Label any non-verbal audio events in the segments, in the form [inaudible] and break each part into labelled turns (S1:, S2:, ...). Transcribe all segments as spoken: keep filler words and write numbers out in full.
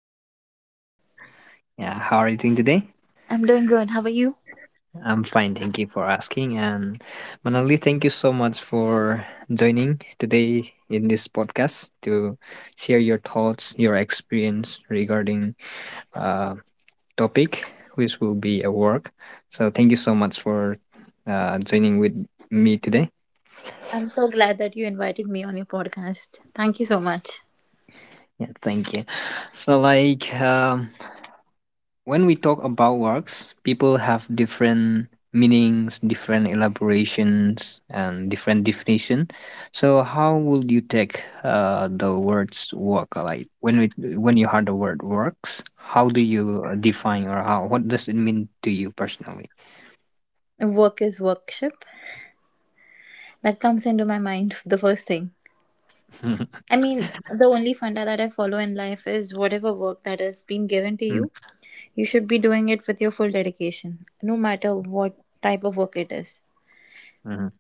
S1: Good morning.
S2: Yeah, how are you doing today?
S1: I'm doing good. How are you?
S2: I'm fine, thank you for asking. And Manali, thank you so much for joining today in this podcast to share your thoughts, your experience regarding uh, topic which will be a work. So thank you so much for uh, joining with me today.
S1: I'm so glad that you invited me on your podcast. Thank you so much.
S2: Yeah, thank you. So like. Um, when we talk about works, people have different meanings, different elaborations, and different definition. So, how would you take uh, the words work? Like when we when you heard the word works, how do you uh, define, or how, what does it mean to you personally?
S1: Work is worship. That comes into my mind the first thing.
S2: [laughs]
S1: I mean, the only funda that I follow in life is whatever work that has been given to
S2: Mm,
S1: you, you should be doing it with your full dedication, no matter what type of work it is.
S2: mhm.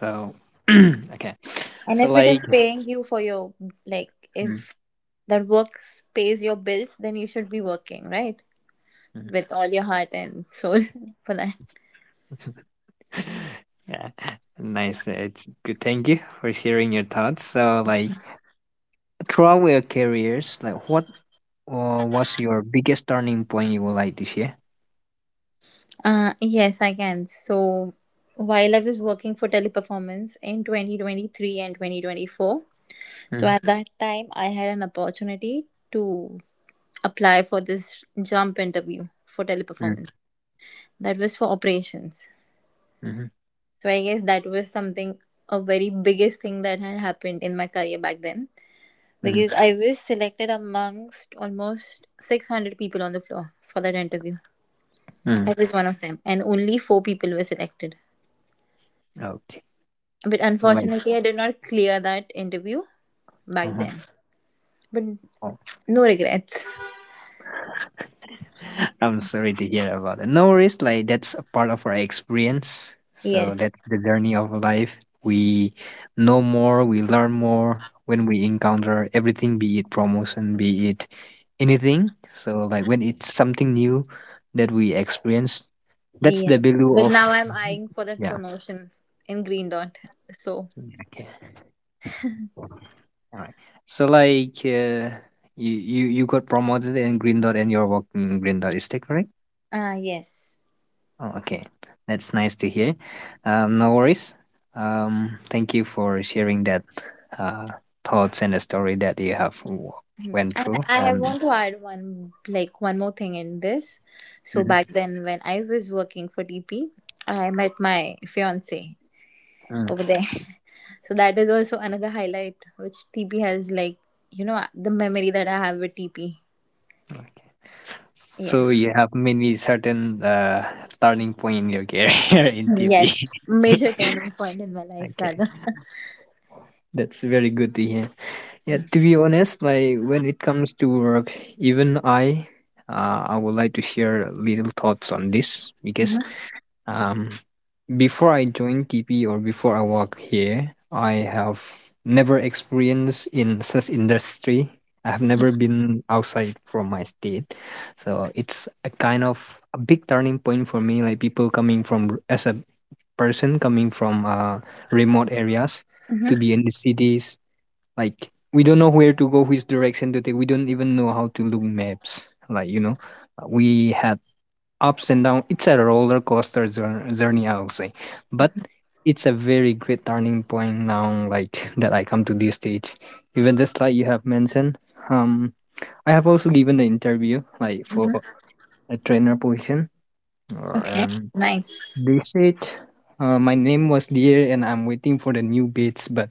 S2: So, [clears throat] okay,
S1: And
S2: so
S1: if it is
S2: like.
S1: paying you for your, like,
S2: Mm,
S1: if that work pays your bills, then you should be working, right?
S2: mm.
S1: With all your heart and soul [laughs] for that.
S2: [laughs] Yeah, nice. uh, It's good. Thank you for sharing your thoughts. So, like, throughout your careers, like what uh, was your biggest turning point you would like to share?
S1: Uh, yes, I can. So, while I was working for Teleperformance in twenty twenty-three and twenty twenty-four, so
S2: Mm,
S1: at that time I had an opportunity to apply for this jump interview for
S2: mm,
S1: Teleperformance. That was for operations.
S2: mhm,
S1: So, I guess that was something a very biggest thing that had happened in my career back then
S2: mhm,
S1: because I was selected amongst almost six hundred people on the floor for that interview.
S2: mm.
S1: I was one of them, and only four people were selected.
S2: Okay,
S1: But
S2: like
S1: unfortunately, I did not clear that interview back
S2: uh-huh.
S1: then. But
S2: Oh.
S1: no regrets.
S2: [laughs] I'm sorry to hear about it. No worries, like that's a part of our experience. So
S1: Yes,
S2: that's the journey of life. We know more, we learn more when we encounter everything, be it promotion, be it anything. So like when it's something new that we experience, that's the
S1: yes.
S2: value
S1: But
S2: of.
S1: now I'm eyeing for that
S2: Yeah.
S1: promotion in Green Dot. So,
S2: Okay. All right. So like, uh, you you you got promoted in Green Dot and you're working in Green Dot. Is that correct?
S1: ah, yes.
S2: Oh, okay. That's nice to hear. Um, no worries. Um, thank you for sharing that uh thoughts and the story that you have w-
S1: Mhm.
S2: went
S1: And
S2: through
S1: I
S2: and.
S1: want to add one, like one more thing in this. So
S2: Mhm.
S1: back then, when I was working for T P, I met my fiance
S2: Mm,
S1: over there. [laughs] So that is also another highlight which T P has, like you know, the memory that I have with T P.
S2: okay. So
S1: Yes.
S2: you have many certain uh turning point in your career [laughs] in
S1: Yes,
S2: T V.
S1: major
S2: [laughs]
S1: turning point in my life,
S2: Okay.
S1: rather.
S2: That's very good to hear. Yeah, to be honest, like when it comes to work, even I, uh, I would like to share little thoughts on this because
S1: Mm-hmm,
S2: um, before I joined T P or before I work here, I have never experienced in such industry. I have never been outside from my state, so it's a kind of a big turning point for me. Like people coming from r- as a person coming from uh, remote areas
S1: mm-hmm,
S2: to be in the cities, like we don't know where to go, which direction to take. We don't even know how to look maps. Like, you know, uh, we had ups and downs. It's a roller coaster jour- journey, I would say, but it's a very great turning point now. Like [laughs] that, I come to this stage. Even just like you have mentioned, um, I have also given the interview like for
S1: hmm.
S2: a trainer position, uh,
S1: Okay,
S2: and
S1: nice.
S2: they said, uh, my name was there and I'm waiting for the new bids," but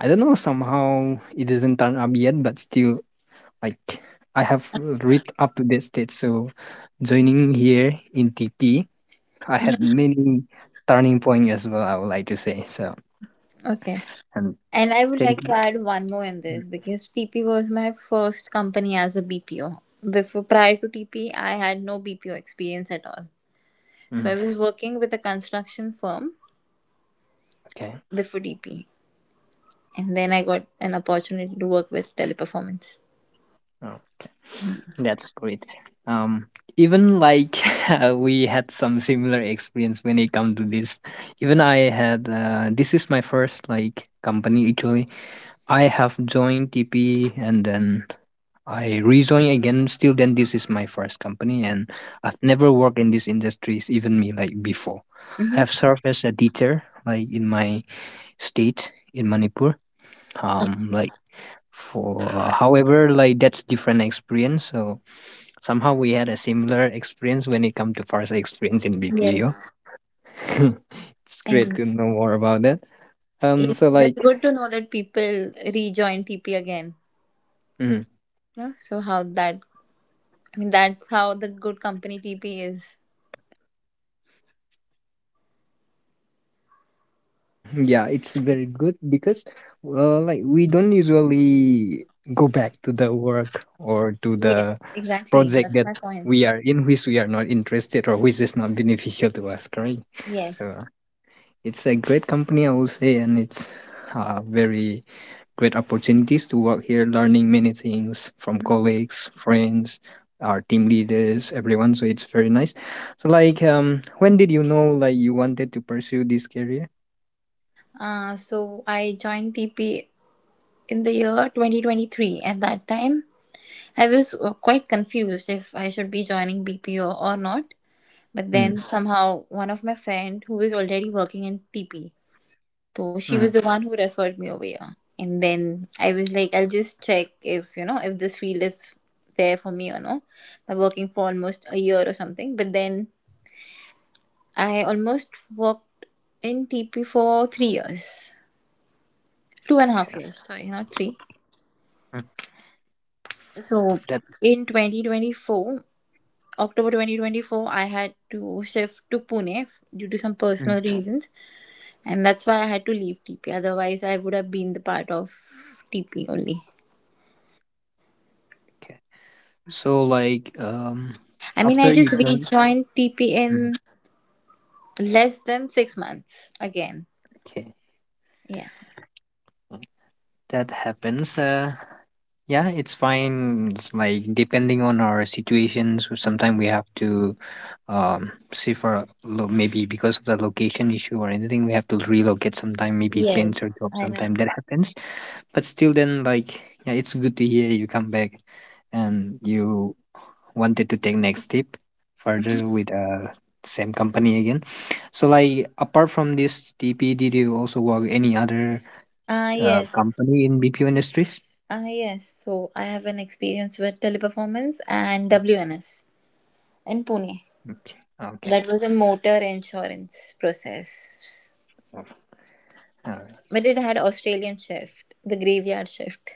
S2: I don't know, somehow it doesn't turn up yet, but still, like, I have reached up to that stage. So, joining here in T P, I had many turning point as well, I would like to say. So,
S1: Okay.
S2: and
S1: And I would
S2: thank
S1: like to
S2: you.
S1: add one more in this because T P was my first company as a B P O. Before prior to T P, I had no B P O experience at all. So I
S2: Mm,
S1: was working with a construction firm
S2: okay.
S1: before T P, and then I got an opportunity to work with Teleperformance.
S2: Okay. That's great. Um, even like [laughs] uh, we had some similar experience when it come to this. Even I had uh, this is my first like company actually. I have joined T P and then I rejoin again. Still, then this is my first company, and I've never worked in these industries. Even me like before, I
S1: Mm-hmm.
S2: have served as a teacher like in my state in Manipur. Um, like for uh, however, like that's different experience. So somehow we had a similar experience when it comes to first experience in B P O.
S1: Yes,
S2: [laughs] It's great
S1: and
S2: to know more about that. Um,
S1: it-
S2: so
S1: it's
S2: like,
S1: good to know that people rejoin T P again.
S2: mm,
S1: You know, so how that I mean, that's how the good company T P is.
S2: [clears throat] yeah, it's very good because, uh, like we don't usually go back to the work or to
S1: Yes,
S2: the
S1: exactly.
S2: project
S1: That's
S2: that
S1: my point.
S2: we are in, which we are not interested or which is not beneficial to us, correct? So
S1: Yes.
S2: it's a great company, I will say, and it's uh, very great opportunities to work here, learning many things from colleagues, friends, our team leaders, everyone. So it's very nice. So like, um, when did you know like you wanted to pursue this career?
S1: Uh, so I joined T P in the year twenty twenty-three. At that time, I was uh, quite confused if I should be joining B P O or not. But then
S2: Mm.
S1: somehow one of my friend who was already working in T P, so she was
S2: Mm.
S1: the one who referred me over here. And then I was like, I'll just check if you know if this field is there for me or no. By working for almost a year or something, but then I almost worked in T P for three years, two and a half years, sorry, not three.
S2: Mm.
S1: So
S2: That's.
S1: in twenty twenty-four, October twenty twenty-four, I had to shift to Pune f- due to some
S2: Mm.
S1: personal reasons, and that's why I had to leave T P. Otherwise, I would have been the part of T P only.
S2: Okay. So like, um,
S1: I mean, I
S2: after you
S1: just
S2: join.
S1: rejoined T P
S2: Mm.
S1: in less than six months again.
S2: Okay,
S1: Yeah.
S2: that happens. Uh, Yeah, it's fine. It's like depending on our situations, sometimes we have to um, see for a lo- maybe because of the location issue or anything, we have to relocate sometime, maybe change our
S1: Yes,
S2: job
S1: I know.
S2: sometime. That happens. But still, then, like, yeah, it's good to hear you come back and you wanted to take next step further with uh same company again. So like, apart from this T P, did you also work any other
S1: Ah,
S2: uh,
S1: yes.
S2: company in B P O industries?
S1: Ah, yes. So I have an experience with Teleperformance and W N S in Pune.
S2: Okay.
S1: That was a motor insurance process,
S2: Okay. Oh,
S1: but it had Australian shift, the graveyard shift.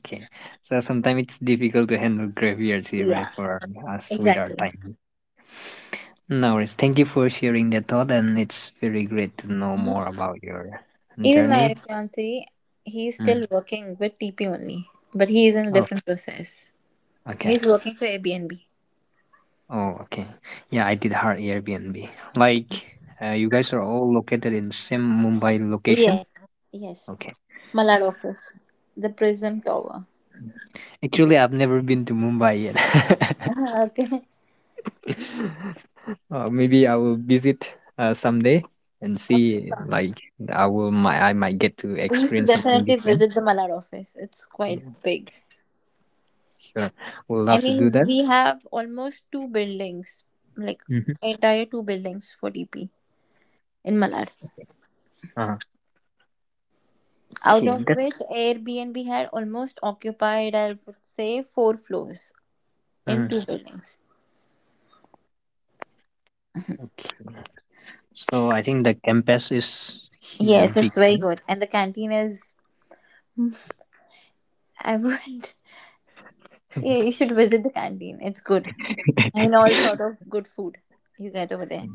S2: okay. So sometimes it's difficult to handle graveyards here, right,
S1: Yeah,
S2: for us with our
S1: exactly.
S2: time. No worries. Thank you for sharing that thought, and it's very great to know more about your
S1: Even my
S2: journey.
S1: fiance, he's
S2: Mm.
S1: still working with T P only, but he is in a
S2: Oh,
S1: different process.
S2: okay.
S1: He's working for Airbnb.
S2: Oh, okay. Yeah, I did hard Airbnb. Like, uh, you guys are all located in same Mumbai location?
S1: Yes, yes.
S2: Okay.
S1: Malad office, the Prism Tower.
S2: Actually, I've never been to Mumbai yet.
S1: [laughs]
S2: [laughs]
S1: Ah, okay.
S2: [laughs] Uh, maybe I will visit uh, someday and see. Like I will, might I might get to
S1: We used to
S2: experience something
S1: definitely
S2: different.
S1: visit the Malad office. It's quite
S2: Yeah,
S1: big.
S2: sure. Would
S1: I
S2: love to do
S1: mean,
S2: that.
S1: we have almost two buildings, like
S2: Mm-hmm.
S1: entire two buildings for D P in Malad,
S2: Uh,
S1: out
S2: okay,
S1: of
S2: that.
S1: which Airbnb had almost occupied, I would say, four floors in
S2: Mm,
S1: two buildings.
S2: okay. So I think the campus is here
S1: Yes,
S2: big,
S1: it's very
S2: no?
S1: good. And the canteen is, I would, [laughs] yeah, you should visit the canteen. It's good. I mean, all sort of good food you get over there.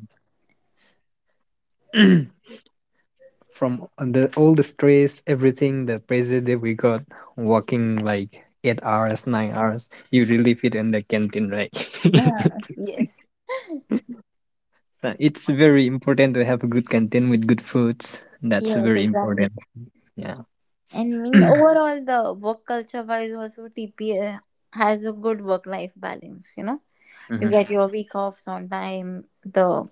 S2: [laughs] [clears throat] From the all the stress, everything, the pressure that we got walking like eight hours, nine hours, you relieve it in the canteen, right? [laughs]
S1: Ah, yes.
S2: Uh, it's very important to have a good content with good foods. That's
S1: Yes,
S2: very
S1: exactly.
S2: important. Yeah.
S1: And in
S2: [clears throat]
S1: overall, the work culture wise also T P A has a good work life balance. You know, you
S2: Hmm.
S1: get your week offs on time. The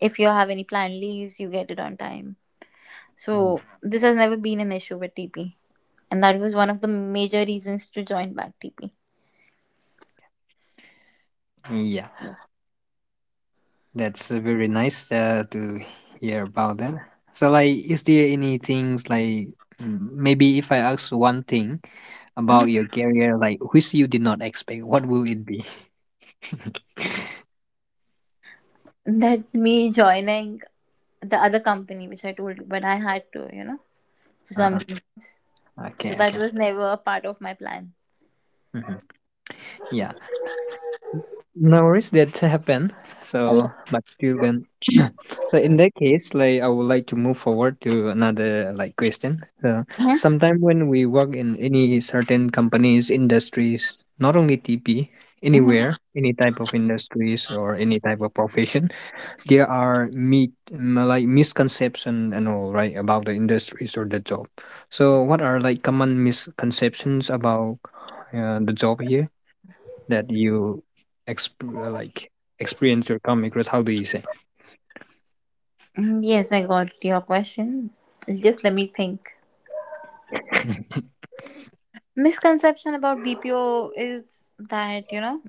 S1: if you have any planned leaves, you get it on time. So this has never been an issue with T P, and that was one of the major reasons to join back T P.
S2: Yeah,
S1: Yes.
S2: that's uh, very nice uh, to hear about that. So, like, is there any things like mm, maybe if I ask one thing about
S1: Mhm.
S2: your career, like which you did not expect, what will it be?
S1: That me joining the other company which I told you, but I had to, you know, for
S2: [laughs]
S1: some
S2: Uh-huh.
S1: reasons. So
S2: Okay,
S1: that
S2: okay.
S1: was never a part of my plan.
S2: Hmm. Yeah. No worries, that happen.
S1: Oh,
S2: So, but till then, [coughs] [clears throat] so in that case, like I would like to move forward to another like question. So,
S1: yeah.
S2: sometime when we work in any certain companies, industries, not only T P,
S1: Mhm.
S2: anywhere, any type of industries or any type of profession, there are meet m- like misconception and all right about the industries or the job. So, what are like common misconceptions about uh, the job here that you exp- like experience your comic growth, how do you say?
S1: Mm, Yes, I got your question. Just let me think. Misconception about B P O is that, you know,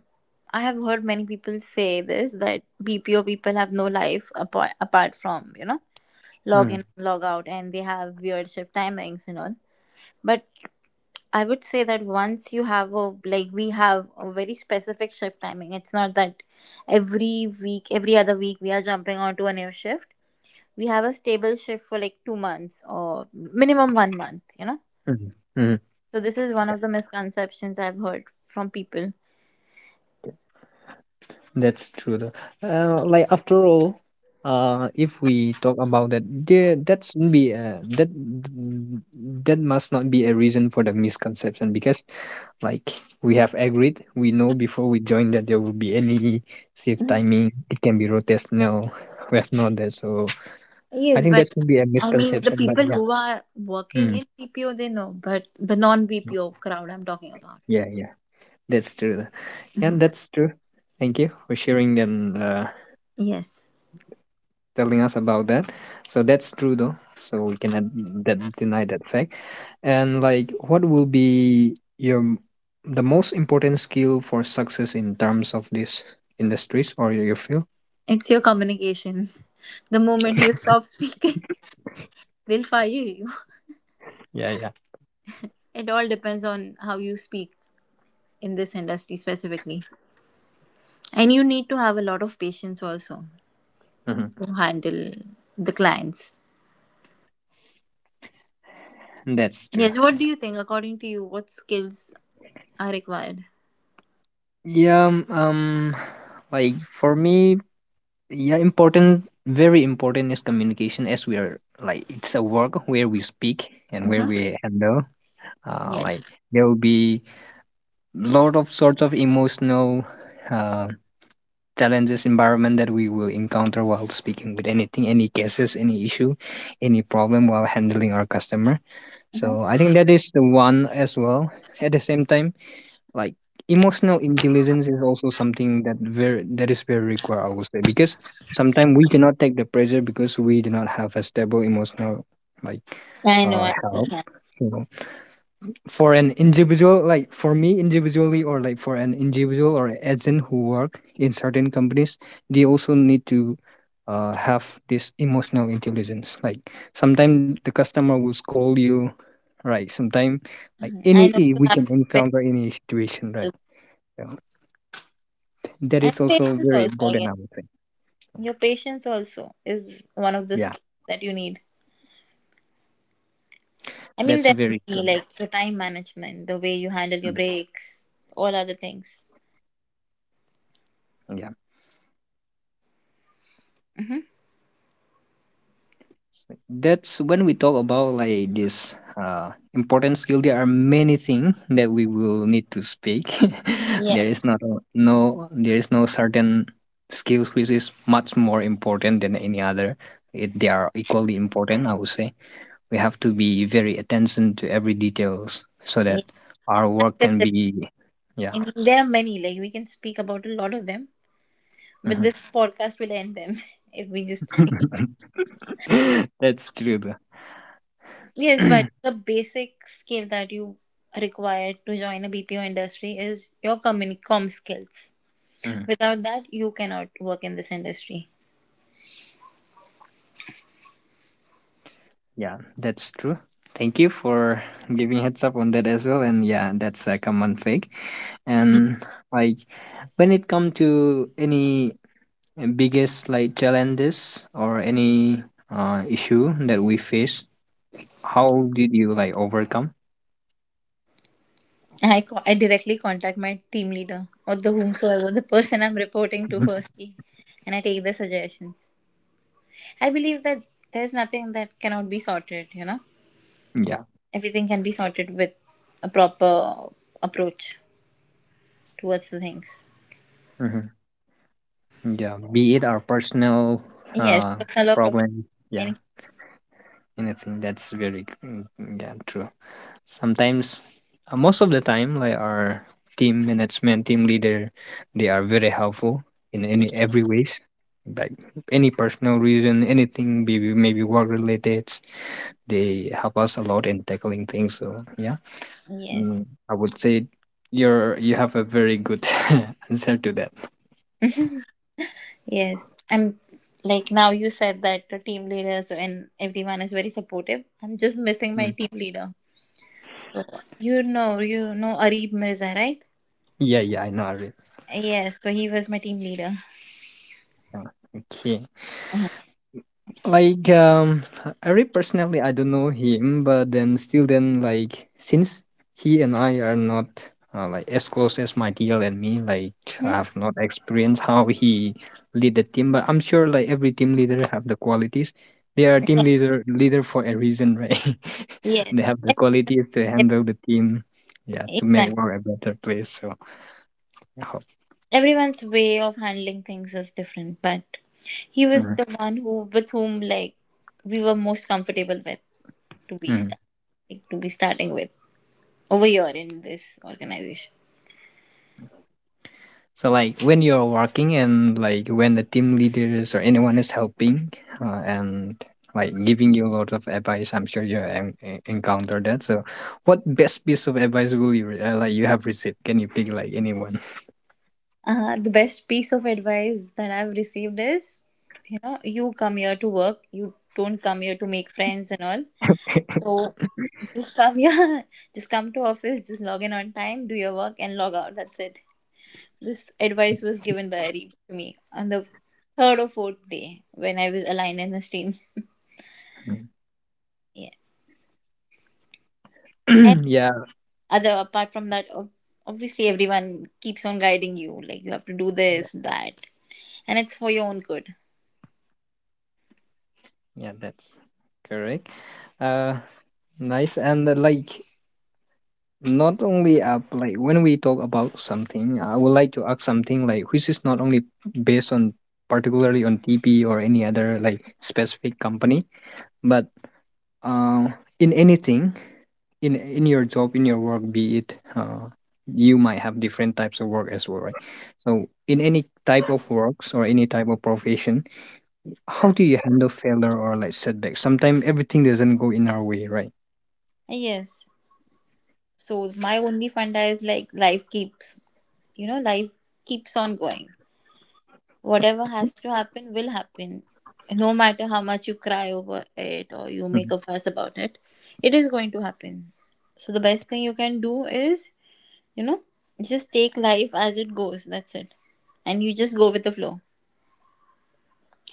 S1: I have heard many people say this that B P O people have no life apart, apart from, you know, log
S2: Mm,
S1: in, log out, and they have weird shift timings and all. But I would say that once you have a, like, we have a very specific shift timing. It's not that every week, every other week, we are jumping onto a new shift. We have a stable shift for like two months or minimum one month, you know.
S2: mm, mm.
S1: So this is one of the misconceptions I've heard from people.
S2: That's true though. Uh, like after all, uh if we talk about that, there that shouldn't be a that that must not be a reason for the misconception because, like, we have agreed, we know before we join that there will be any shift
S1: Mhm.
S2: timing, it can be rotational, [laughs] we have known that. So i
S1: Yes,
S2: think that
S1: but
S2: could be a
S1: I mean the
S2: misconception, but
S1: people
S2: yeah,
S1: who are working
S2: mm.
S1: in B P O they know, but the non B P O crowd I'm talking about.
S2: Yeah, yeah. That's true. And that's true. Thank you for sharing and uh,
S1: Yes.
S2: telling us about that. So that's true though. So we cannot that deny that fact. And like, what will be your m- the most important skill for success in terms of these industries or your field?
S1: It's your communication. [laughs] The moment you stop speaking, [laughs] they'll fire you.
S2: Yeah, yeah.
S1: It all depends on how you speak in this industry specifically. And you need to have a lot of patience also
S2: Mhm.
S1: to handle the clients.
S2: That's true.
S1: Yes, what do you think? According to you, what skills are required?
S2: Yeah, um, um, like for me, yeah, important, very important is communication, as we are, like it's a work where we speak and where
S1: Mm-hmm.
S2: we handle uh,
S1: Yes.
S2: like there will be lot of sorts of emotional uh, challenges environment that we will encounter while speaking with anything, any cases, any issue, any problem while handling our customer. So i think that is the one as well. At the same time, like, emotional intelligence is also something that very that is very required, i would say, because sometimes we cannot take the pressure because we do not have a stable emotional, like,
S1: I know,
S2: uh
S1: I
S2: help.
S1: understand.
S2: So, for an individual, like for me individually, or like for an individual or agent who work in certain companies, they also need to uh, have this emotional intelligence, like sometimes the customer will scold you, right? Sometimes, like,
S1: Mhm.
S2: any
S1: I know
S2: i-
S1: you
S2: we can
S1: have to be very
S2: encounter any situation, right?
S1: helpful.
S2: So that
S1: And
S2: is also
S1: patience
S2: very
S1: also. I
S2: important, i
S1: guess
S2: would say.
S1: your patience also is one of the
S2: Yeah,
S1: skills that you need. I mean,
S2: that's
S1: there are
S2: very good.
S1: many
S2: Yeah.
S1: like your time management, the way you handle
S2: Mm,
S1: your breaks, all other things.
S2: yeah.
S1: Mm-hmm.
S2: That's when we talk about like this uh important skill, there are many things that we will need to speak. [laughs] There
S1: Yes,
S2: is not a- no there is no certain skills which is much more important than any other. It, they are equally important, i would say. We have to be very attention to every details so that
S1: yes.
S2: our work can
S1: Active
S2: be. Yeah.
S1: listening. There are many. Like we can speak about a lot of them, but
S2: Mhm.
S1: this podcast will end them [laughs] if we just speak about.
S2: [laughs] That's true though.
S1: Yes, but the basic skill that you require to join a B P O industry is your communi- comm skills.
S2: [clears throat]
S1: Without that, you cannot work in this industry.
S2: Yeah, that's true. Thank you for giving heads up on that as well. And yeah, that's a common fake. And like, when it come to any biggest like challenges or any uh, issue that we face, how did you like overcome?
S1: I, co- I directly contact my team leader or the whomsoever, the person I'm reporting to
S2: Mhm.
S1: firstly, and I take the suggestions. I believe that there's nothing that cannot be sorted, you know?
S2: Yeah.
S1: Everything can be sorted with a proper approach towards the things.
S2: Hmm. Yeah. Be it our personal
S1: Yes,
S2: uh
S1: personal or professional.
S2: problem. Yeah.
S1: Any,
S2: Anything that's very mm, yeah, true. Sometimes uh, most of the time, like our team management, team leader, they are very helpful in any every ways, like any personal reason, anything, maybe maybe work related. They help us a lot in tackling things, so yeah.
S1: yes.
S2: mm, I would say you're you have a very good [laughs] answer to that.
S1: [laughs] Yes. I'm like now you said that the team leaders and everyone is very supportive. I'm just missing my
S2: Mm.
S1: team leader. So you know, you know Arib Mirza, right?
S2: yeah yeah I know, I read.
S1: Yes, so he was my team leader.
S2: Uh, okay. Like um Ari, personally I don't know him, but then still then, like, since he and I are not uh, like as close as my T L and me, like
S1: Hmm?
S2: I have not experienced how he lead the team, but I'm sure like every team leader have the qualities. They are team
S1: Yes,
S2: leader leader for a reason, right? [laughs]
S1: yes.
S2: They have the
S1: Ev-
S2: qualities to
S1: ev-
S2: handle the team, yeah, to make
S1: exactly.
S2: world a better place. So I hope.
S1: Everyone's way of handling things is different, but he was the one who, with whom, like, we were most comfortable with to be
S2: Mhm.
S1: start, like, to be starting with over here in this organization.
S2: So, like, when you're working, and like when the team leaders or anyone is helping, uh, and like giving you a lot of advice, I'm sure you en- en- encounter that. So, what best piece of advice will you re- uh, like you have received? Can you pick like anyone?
S1: Uh, the best piece of advice that I've received is, you know, you come here to work. You don't come here to make friends and all. So just come, [laughs] yeah, just come to office, just log in on time, do your work, and log out. That's it. This advice was given by Areep to me on the third or fourth day when I was aligned in his team. [laughs] Yeah. And
S2: [clears throat] yeah,
S1: other apart from that, ob- obviously everyone keeps on guiding you. Like you have to do
S2: yeah,
S1: this, that, and it's for your own good.
S2: yeah, that's correct. Uh, Nice. And uh, like, not only up, like when we talk about something, I would like to ask something, like, which is not only based on, particularly, on TP or any other like specific company. But uh, in anything, in in your job, in your work, be it uh, you might have different types of work as well, right? So in any type of works or any type of profession, how do you handle failure or like setbacks? Sometimes everything doesn't go in our way, right?
S1: Ah, yes. So my only funda is like life keeps, you know, life keeps on going. Whatever has to happen will happen. No matter how much you cry over it or you make
S2: Mhm,
S1: a fuss about it, it is going to happen. So the best thing you can do is, you know, just take life as it goes. That's it. And you just go with the flow.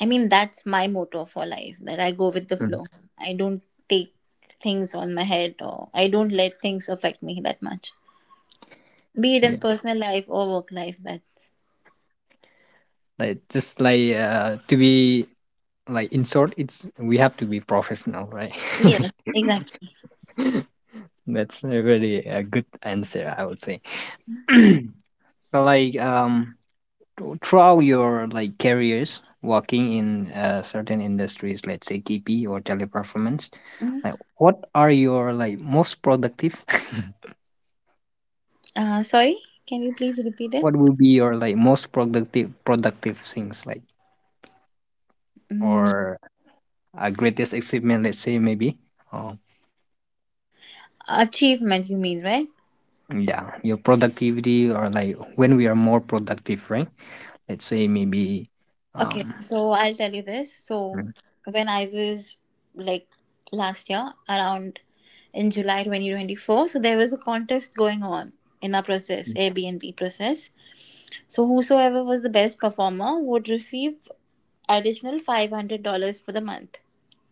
S1: I mean, that's my motto for life that I go with the
S2: mhm.
S1: flow. I don't take things on my head or I don't let things affect me that much, be it in personal life or work life. That's
S2: Like, just like uh, to be, like in short, it's we have to be professional, right? [laughs]
S1: yes, exactly.
S2: That's a really a good answer, I would say. [clears throat] so like um throughout your like careers working in uh, certain industries, let's say TP or Teleperformance,
S1: Mhm.
S2: like what are your like most productive [laughs]
S1: Uh, sorry, can you please repeat it?
S2: what will be your like most productive productive things, like,
S1: Mm,
S2: or a greatest achievement, let's say, maybe, or
S1: Achievement, you mean, right?
S2: Yeah, your productivity, or like when we are more productive, right? Let's say maybe,
S1: Okay,
S2: um
S1: so I'll tell you this. So,
S2: mm,
S1: when I was like last year, around in July twenty twenty-four, so there was a contest going on in our process,
S2: mm,
S1: Airbnb process. So, whosoever was the best performer would receive additional five hundred dollars for the month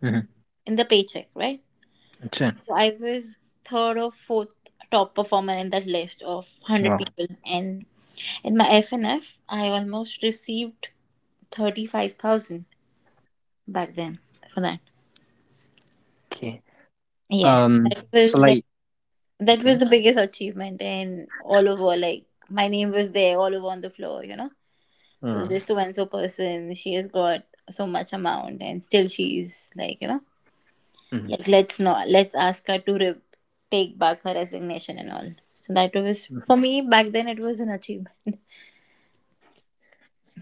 S2: mhm,
S1: in the paycheck, right?
S2: sure.
S1: So, I was third or fourth top performer in that list of one hundred
S2: Wow.
S1: people, and in my F N F, I almost received thirty-five thousand back then for that.
S2: Okay.
S1: Yes,
S2: Um
S1: that
S2: so
S1: was like
S2: like
S1: that
S2: okay.
S1: was the biggest achievement in all over. Like my name was there all over on the floor, you know. So
S2: Uh,
S1: this so and so person, she has got so much amount, and still she's like you know,
S2: mhm,
S1: like let's not let's ask her to re- take back her resignation and all. So that was
S2: mhm,
S1: for me back then. It was an achievement. [laughs]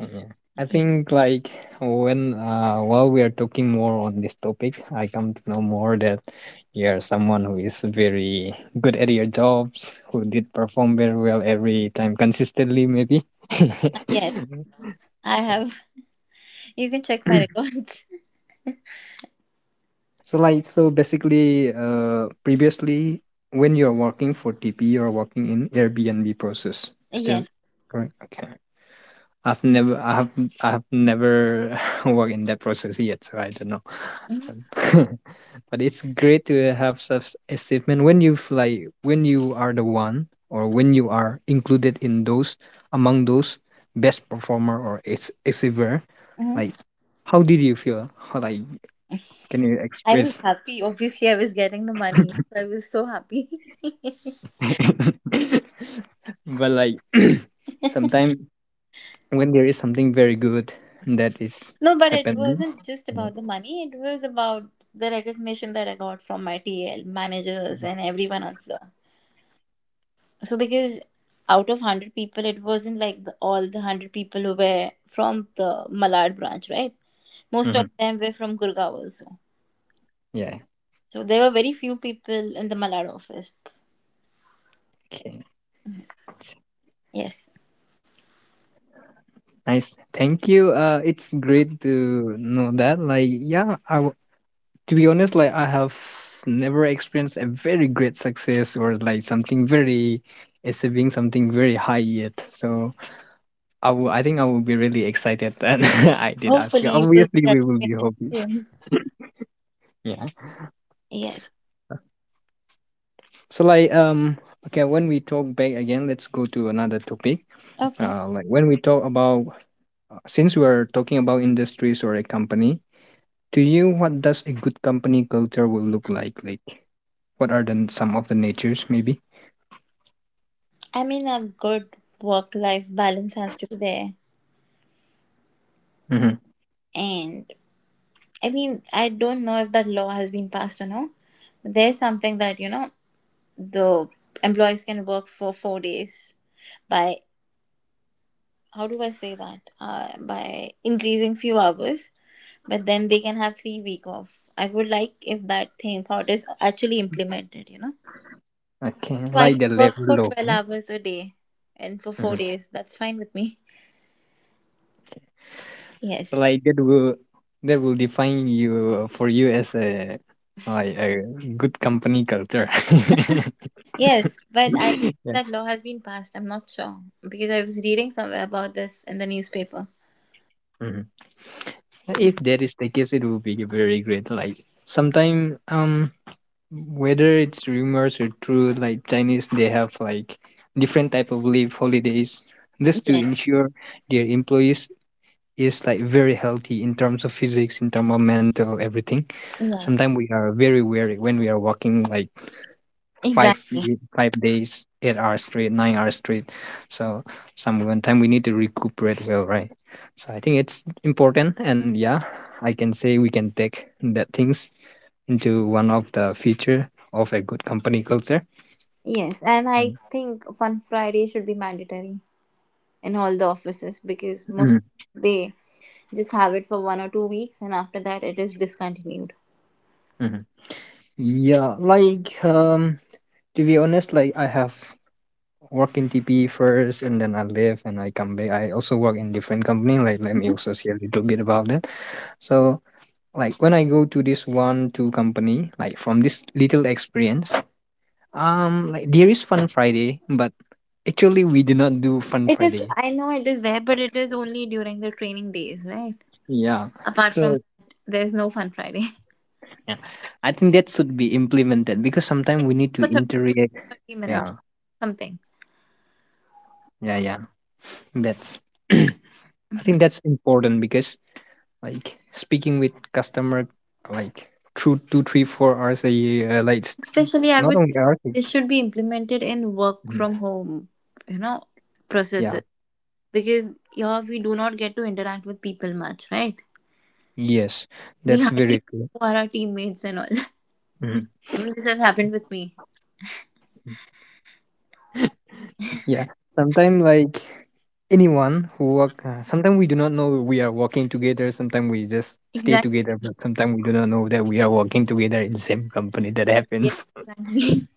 S2: yeah. I
S1: Yeah.
S2: think like, when uh while we are talking more on this topic, I come to know more that you're someone who is very good at your jobs, who did perform very well every time consistently, maybe.
S1: Yes,
S2: [laughs]
S1: I have. You can check my records.
S2: So, like, so basically uh previously when you're working for T P, you're working in Airbnb process.
S1: [laughs]
S2: Is that
S1: Yes.
S2: correct? Okay. I've never I have I have never [laughs] worked in that process yet, so I don't know.
S1: Mhm.
S2: Um, [laughs] but it's great to have such achievement when you've like when you are the one, or when you are included in those, among those best performer or ex- achiever, like, how did you feel? How like, can you
S1: I was
S2: express?
S1: happy. Obviously, I was getting the money. So I was so happy. [laughs] No,
S2: [laughs] But like, [clears throat] sometimes when there is something very good that is
S1: but it
S2: happening.
S1: wasn't just
S2: Mhm.
S1: about the money. It was about the recognition that I got from my T L, managers, and everyone on floor. So because out of one hundred people, it wasn't like the, all the one hundred people who were from the Malad branch, right? Most of
S2: Mhm.
S1: them were from Gurgaon also.
S2: Yeah,
S1: So there were very few people in the Malad office.
S2: okay,
S1: Yes.
S2: nice, thank you. Uh it's great to know that. Like yeah, i w- to be honest, like I have never experienced a very great success, or like something very, achieving something very high yet. So i will I think I will be really excited that [laughs] I did ask.
S1: Hopefully, you will be
S2: Obviously we will be
S1: achieving it
S2: happy,
S1: soon.
S2: yeah.
S1: Yes.
S2: So like um okay, when we talk back again, let's go to another topic.
S1: Okay.
S2: Uh like, when we talk about, uh, since we are talking about industries or a company, to you, what does a good company culture will look like? Like, what are the n- some of the natures, maybe?
S1: I mean, a good work life balance has to be there.
S2: Mm-hmm.
S1: And I mean, I don't know if that law has been passed or no. There's something that, you know, the employees can work for four days by, how do I say that? Uh, by increasing few hours, but then they can have three week off. I would like if that thing thought is actually implemented, you know.
S2: Okay,
S1: So I
S2: like
S1: can
S2: the
S1: work for
S2: level of
S1: twelve hours a day and for four
S2: mm-hmm.
S1: days. That's fine with me.
S2: So
S1: Yes.
S2: like, that will, that will define you, uh, for you, as a, like a good company culture.
S1: Yes, but I guess
S2: [laughs]
S1: that law has been passed. I'm not sure because I was reading somewhere about this in the newspaper.
S2: Yeah.
S1: Y-
S2: If that is the case, it would be very great. Like sometime, um, whether it's rumors or true, like Chinese, they have like different type of leave holidays just to
S1: Yes,
S2: ensure their employees is like very healthy in terms of physics, in terms of mental, everything.
S1: yes,
S2: Sometimes we are very weary when we are walking like five
S1: exactly.
S2: ye- five days, eight hours straight, nine hours straight. So, some one time we need to recuperate well, right? So I think it's important, and yeah, I can say we can take that things into one of the feature of a good company culture.
S1: Yes, and I
S2: Mm,
S1: think Fun Friday should be mandatory in all the offices because most
S2: mhm,
S1: they just have it for one or two weeks, and after that, it is discontinued.
S2: mhm. Yeah, like, um, to be honest, like I have work in T P first, and then I leave and I come back. I also work in different company. Like, let me also say a little bit about that. So like, when I go to this one two company, like from this little experience, um, like there is Fun Friday, but actually we do not do Fun
S1: It is.
S2: Friday.
S1: I know it is there, but it is only during the training days, right?
S2: Yeah,
S1: Apart from
S2: so
S1: that, there's no Fun Friday
S2: yeah, I think that should be implemented because sometimes we need
S1: [laughs]
S2: to
S1: for thirty
S2: interact.
S1: thirty minutes,
S2: Yeah,
S1: something.
S2: yeah, yeah. That's [clears throat] I think that's important because like speaking with customer, like through two, three, four hours a year, uh, like s-
S1: Especially, I
S2: not
S1: would
S2: only
S1: say
S2: hours.
S1: this should be implemented in work
S2: Mhm.
S1: from home, you know,
S2: Yeah.
S1: processes because here we do not get to interact with people much, right?
S2: Yes,
S1: We
S2: that's
S1: hardly
S2: very true.
S1: know who are our teammates and all. [laughs]
S2: Mm-hmm.
S1: I mean, this has happened with me.
S2: Yeah, sometimes like anyone who work, uh, sometimes we do not know we are working together. Sometimes we just stay
S1: Exactly.
S2: together, but sometimes we do not know that we are working together in the same company. That
S1: Yeah,
S2: happens.
S1: exactly.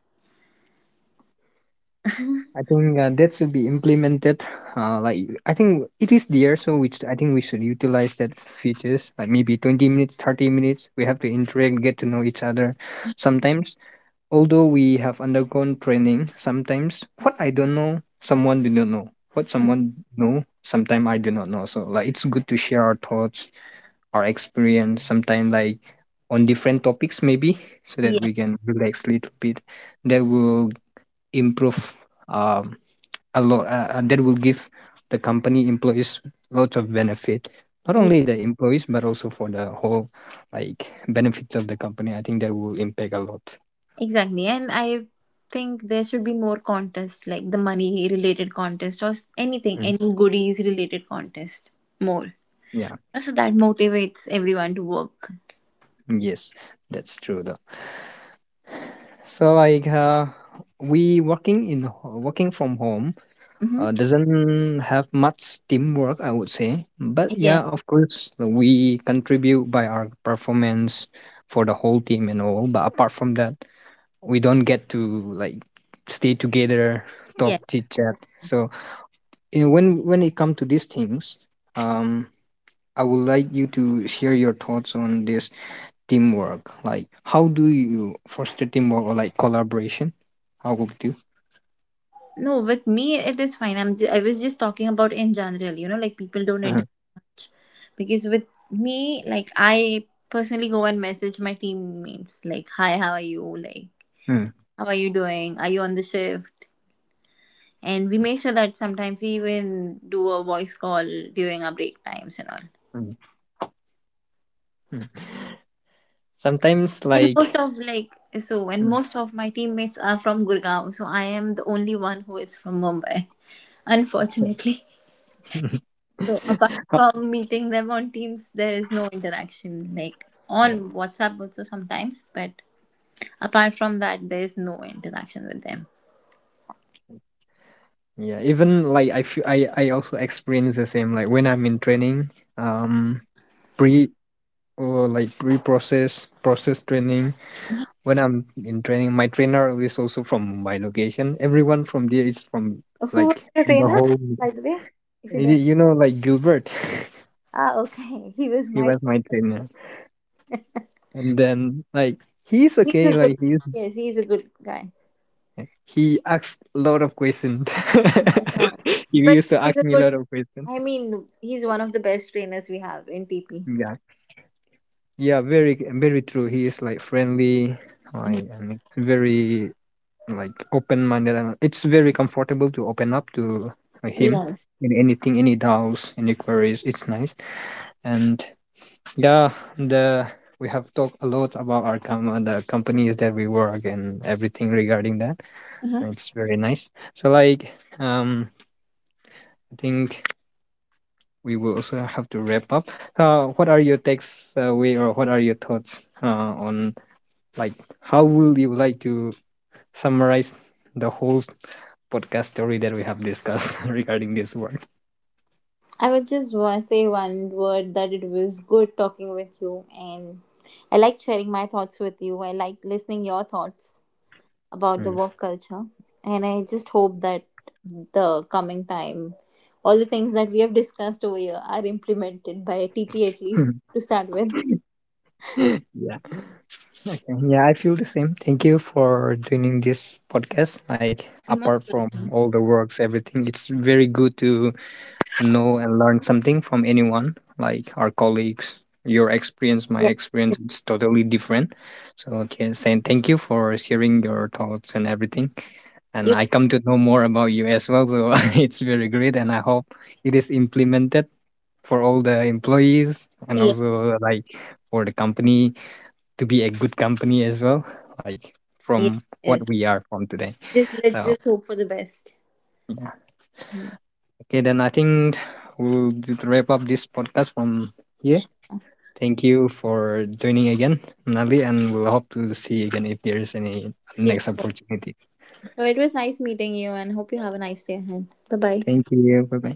S1: [laughs]
S2: I think uh, that should be implemented. Uh, like I think it is there, so which I think we should utilize that features. Like, maybe twenty minutes, thirty minutes, we have to interact, get to know each other. Sometimes, although we have undergone training, sometimes what I don't know, someone do not know what someone know, sometimes I do not know. So like, it's good to share our thoughts, our experience, sometimes like on different topics, maybe, so that
S1: Yeah,
S2: we can relax a little bit. That will improve um, a lot. Uh, uh, that will give the company employees lots of benefit, not
S1: yeah,
S2: only the employees, but also for the whole, like benefits of the company. I think that will impact a lot.
S1: exactly. And I think there should be more contest, like the money related contest or s- anything,
S2: Mm.
S1: any goodies related contest, more.
S2: Yeah.
S1: So that motivates everyone to work.
S2: Yes, that's true though. So like, uh, we working in ho- working from home uh,
S1: Mm-hmm.
S2: doesn't have much teamwork, I would say. But yeah,
S1: Yeah,
S2: of course we contribute by our performance for the whole team and all. But apart from that, we don't get to like stay together, talk,
S1: yeah.
S2: chit chat. So, you know, when when it comes to these things, um, I would like you to share your thoughts on this teamwork. Like, how do you foster teamwork or like collaboration? How would you?
S1: No, with me it is fine. I'm ju- I was just talking about in general, you know, like people don't
S2: Mm-hmm.
S1: interact much because with me, like I personally go and message my teammates, like, "Hi, how are you? Like, how are you doing? Are you on the shift?" And we make sure that sometimes we even do a voice call during our break times and all.
S2: Mm-hmm. Mm. Sometimes,
S1: And
S2: like,
S1: most of like So, and
S2: mm,
S1: most of my teammates are from Gurgaon, so I am the only one who is from Mumbai, [laughs]
S2: that's it.
S1: unfortunately. So apart
S2: [laughs]
S1: from meeting them on Teams, there is no interaction. Like on WhatsApp also sometimes, but apart from that, there is no interaction with them.
S2: Yeah, even like, I feel I I also experience the same. Like, when I'm in training, um, pre, or like pre-process process training. When I'm in training, my trainer is also from my location. Everyone from there is from,
S1: Who was
S2: like,
S1: your
S2: the
S1: trainer,
S2: whole.
S1: by the way? If you don't.
S2: You know, like Gilbert, [laughs]
S1: Ah, okay. [laughs] He was
S2: he
S1: my.
S2: was my trainer. And then like, he's
S1: He's
S2: okay,
S1: a good.
S2: like he's
S1: Yes, he's a good guy.
S2: he asks a lot of questions.
S1: No,
S2: [laughs] He
S1: but
S2: used to
S1: he's
S2: ask
S1: a
S2: me a
S1: good.
S2: lot of questions.
S1: I mean, he's one of the best trainers we have in T P.
S2: Yeah. Yeah, very very true. He is like friendly, like, and it's very like open minded, and it's very comfortable to open up to uh, him,
S1: Yes.
S2: in anything, any doubts, any queries. It's nice. And yeah, the, we have talked a lot about our com- the companies that we work and everything regarding that. It's very nice. So, like, um, I think we will also have to wrap up. Uh, what are your takes uh, way or what are your thoughts uh, on, like, how will you like to summarize the whole podcast story that we have discussed [laughs] regarding this work?
S1: I would just wa- say one word that it was good talking with you, and I like sharing my thoughts with you. I like listening your thoughts about the
S2: Mm.
S1: work culture, and I just hope that the coming time, all the things that we have discussed over here are implemented by T P at least
S2: [laughs]
S1: to start with.
S2: Yeah. Okay. Yeah, I feel the same. Thank you for joining this podcast. Like,
S1: [laughs] You're most
S2: apart from
S1: welcome.
S2: all the works, everything, it's very good to know and learn something from anyone, like our colleagues. Your experience, my
S1: Yeah.
S2: experience, it's totally different. So, okay, saying thank you for sharing your thoughts and everything, and
S1: You.
S2: I come to know more about you as well, so [laughs] it's very great. And I hope it is implemented for all the employees, and
S1: Yeah.
S2: also like for the company to be a good company as well, like
S1: Yeah.
S2: from what
S1: Yes.
S2: we are, from today.
S1: Just let's
S2: So
S1: just hope for the best.
S2: yeah.
S1: Mm.
S2: Okay, then I think we'll d- wrap up this podcast from here.
S1: Sure.
S2: Thank you for joining again, Nali, and we'll hope to see you again if there is any
S1: Okay.
S2: next opportunities.
S1: So it was nice meeting you, and hope you have a nice day ahead. Bye bye.
S2: Thank you. Bye bye.